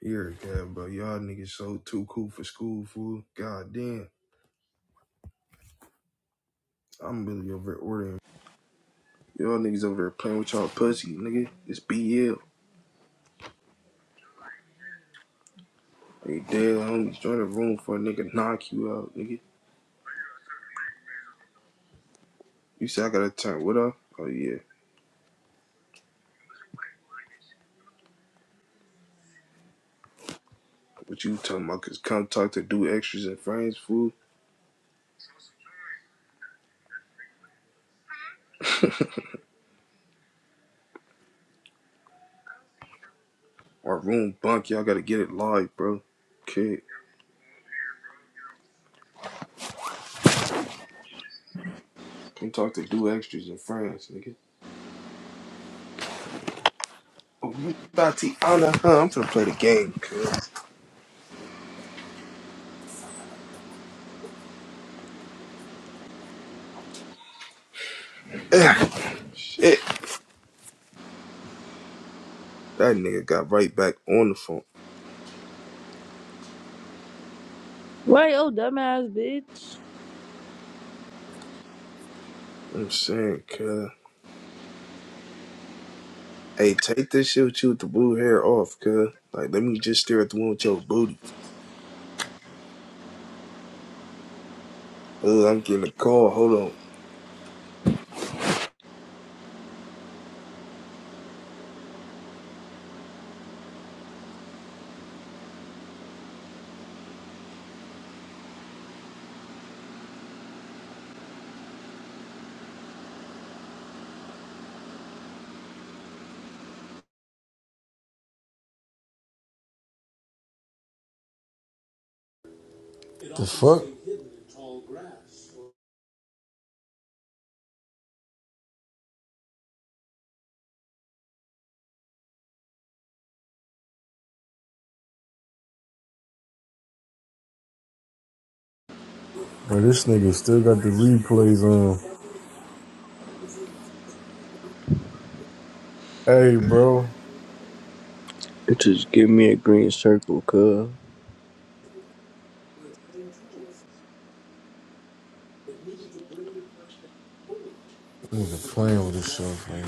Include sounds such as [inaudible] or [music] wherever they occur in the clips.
You're good, bro. Y'all niggas so too cool for school, fool. God damn. I'm really over there ordering. Y'all niggas over there playing with y'all pussy, nigga. It's BL. Hey, damn, homies, join the room for a nigga knock you out, nigga. You say I gotta turn what up? Oh, yeah. What you talking about? Cause come talk to do extras and friends, fool. Our room bunk, y'all gotta get it live, bro. Kid, come talk to do extras and friends, nigga. Oh, you thought Tiana, huh? I'm finna play the game, cuz. [sighs] Shit. That nigga got right back on the phone. Right, oh dumbass bitch. I'm saying, cuz. Hey, take this shit with you with the blue hair off, cuz. Like, let me just stare at the one with your booty. Ugh, I'm getting a call. Hold on. The fuck? Bro, this nigga still got the replays on. Hey, bro. Just give me a green circle, cuz. Nigga playing with this stuff, man.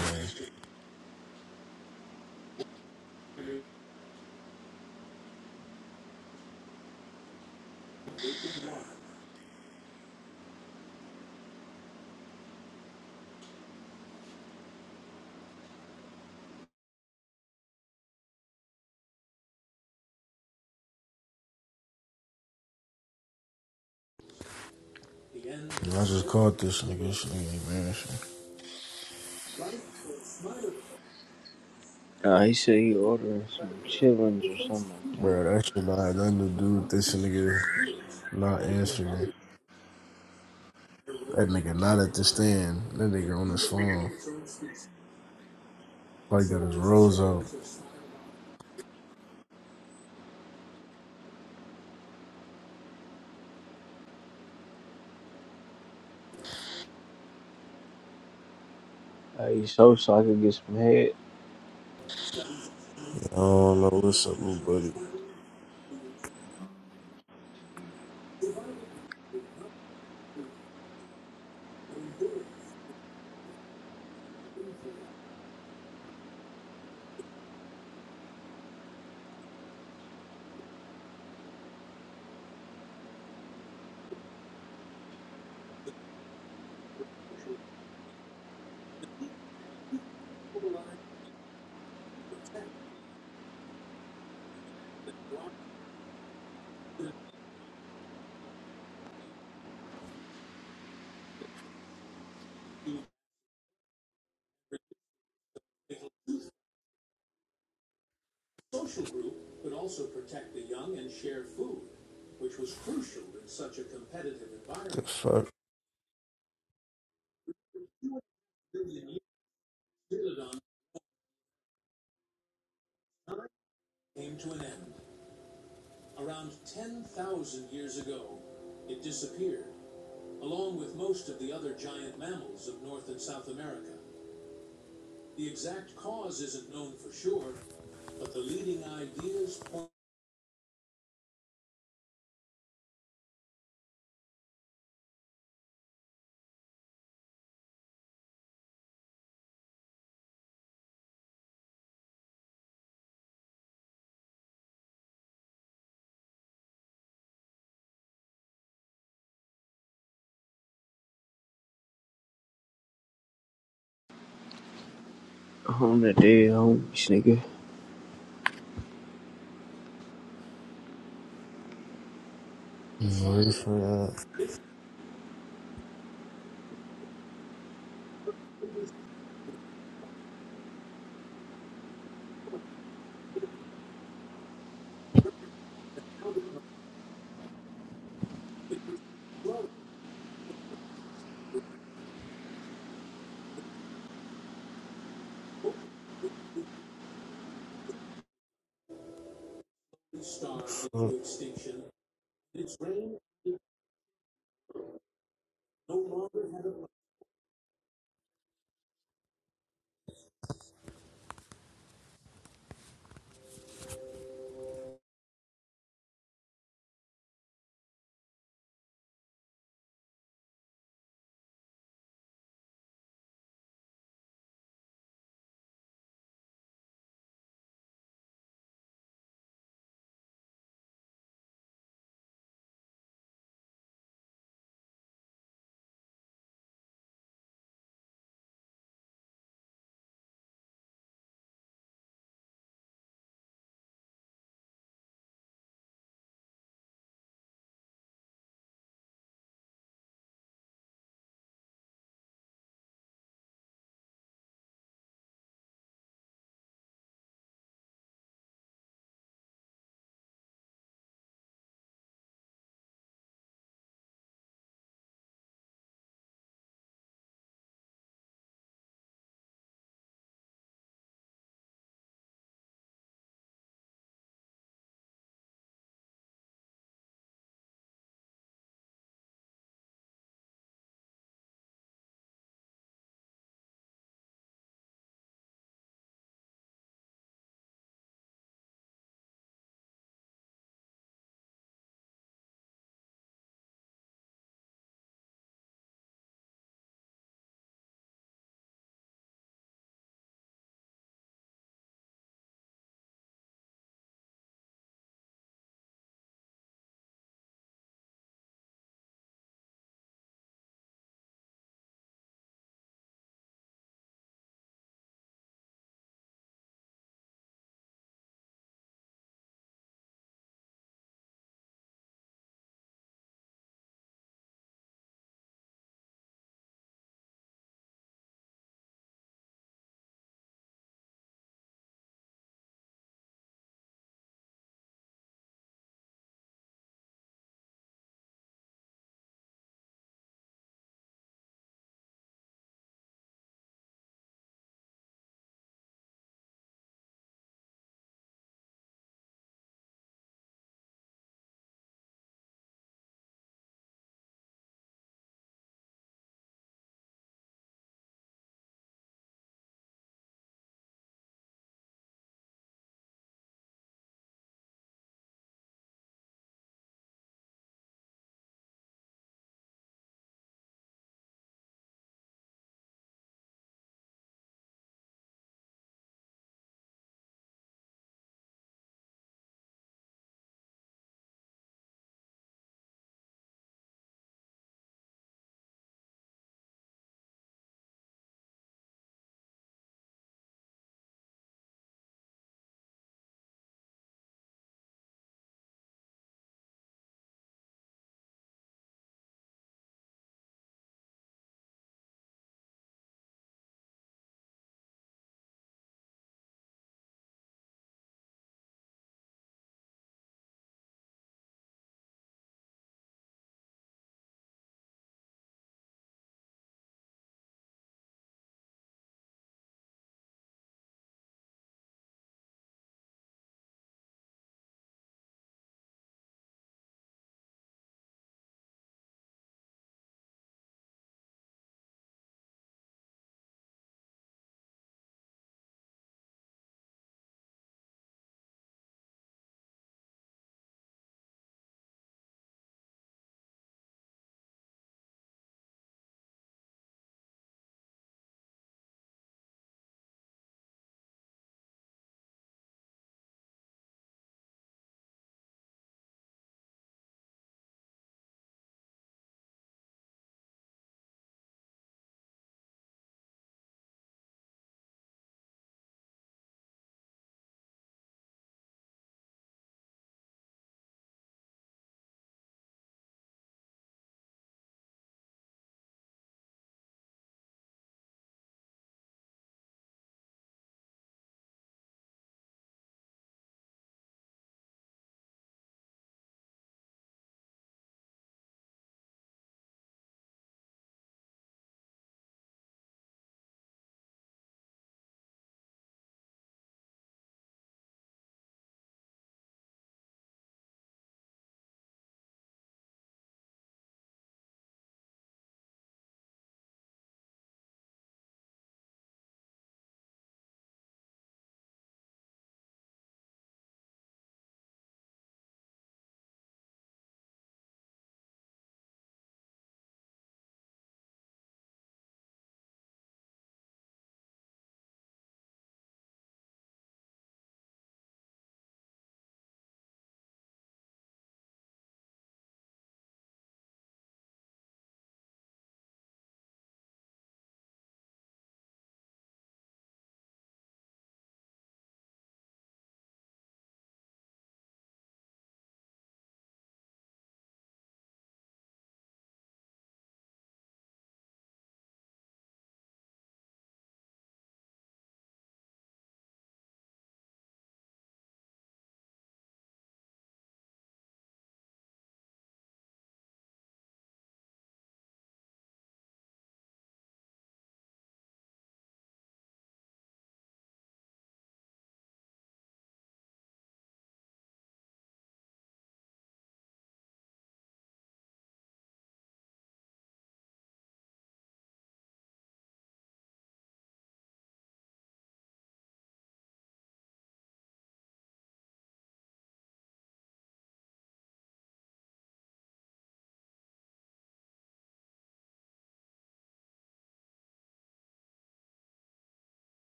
I just caught this nigga. This nigga embarrassing. Nah, he said he ordering some chillings or something like Bro, that shit not had nothing to do with this nigga not answering. That nigga not at the stand. That nigga on his phone. Probably got his rose out. that. I he so so I could get some head I don't know what's up, little buddy. Social group would also protect The young and share food, which was crucial in such a competitive environment. The fuck? on the dead homies, nigga. I'm ready for that.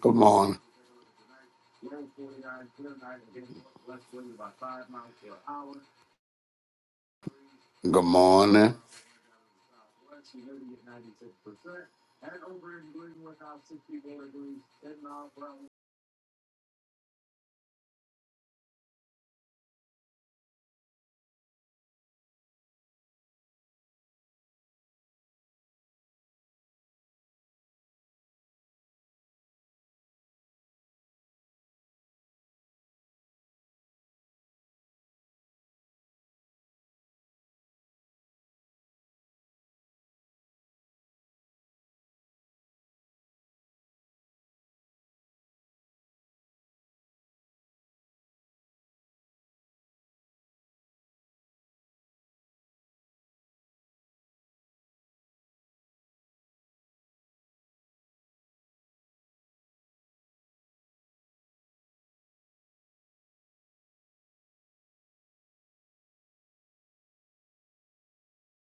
Good morning. Good morning.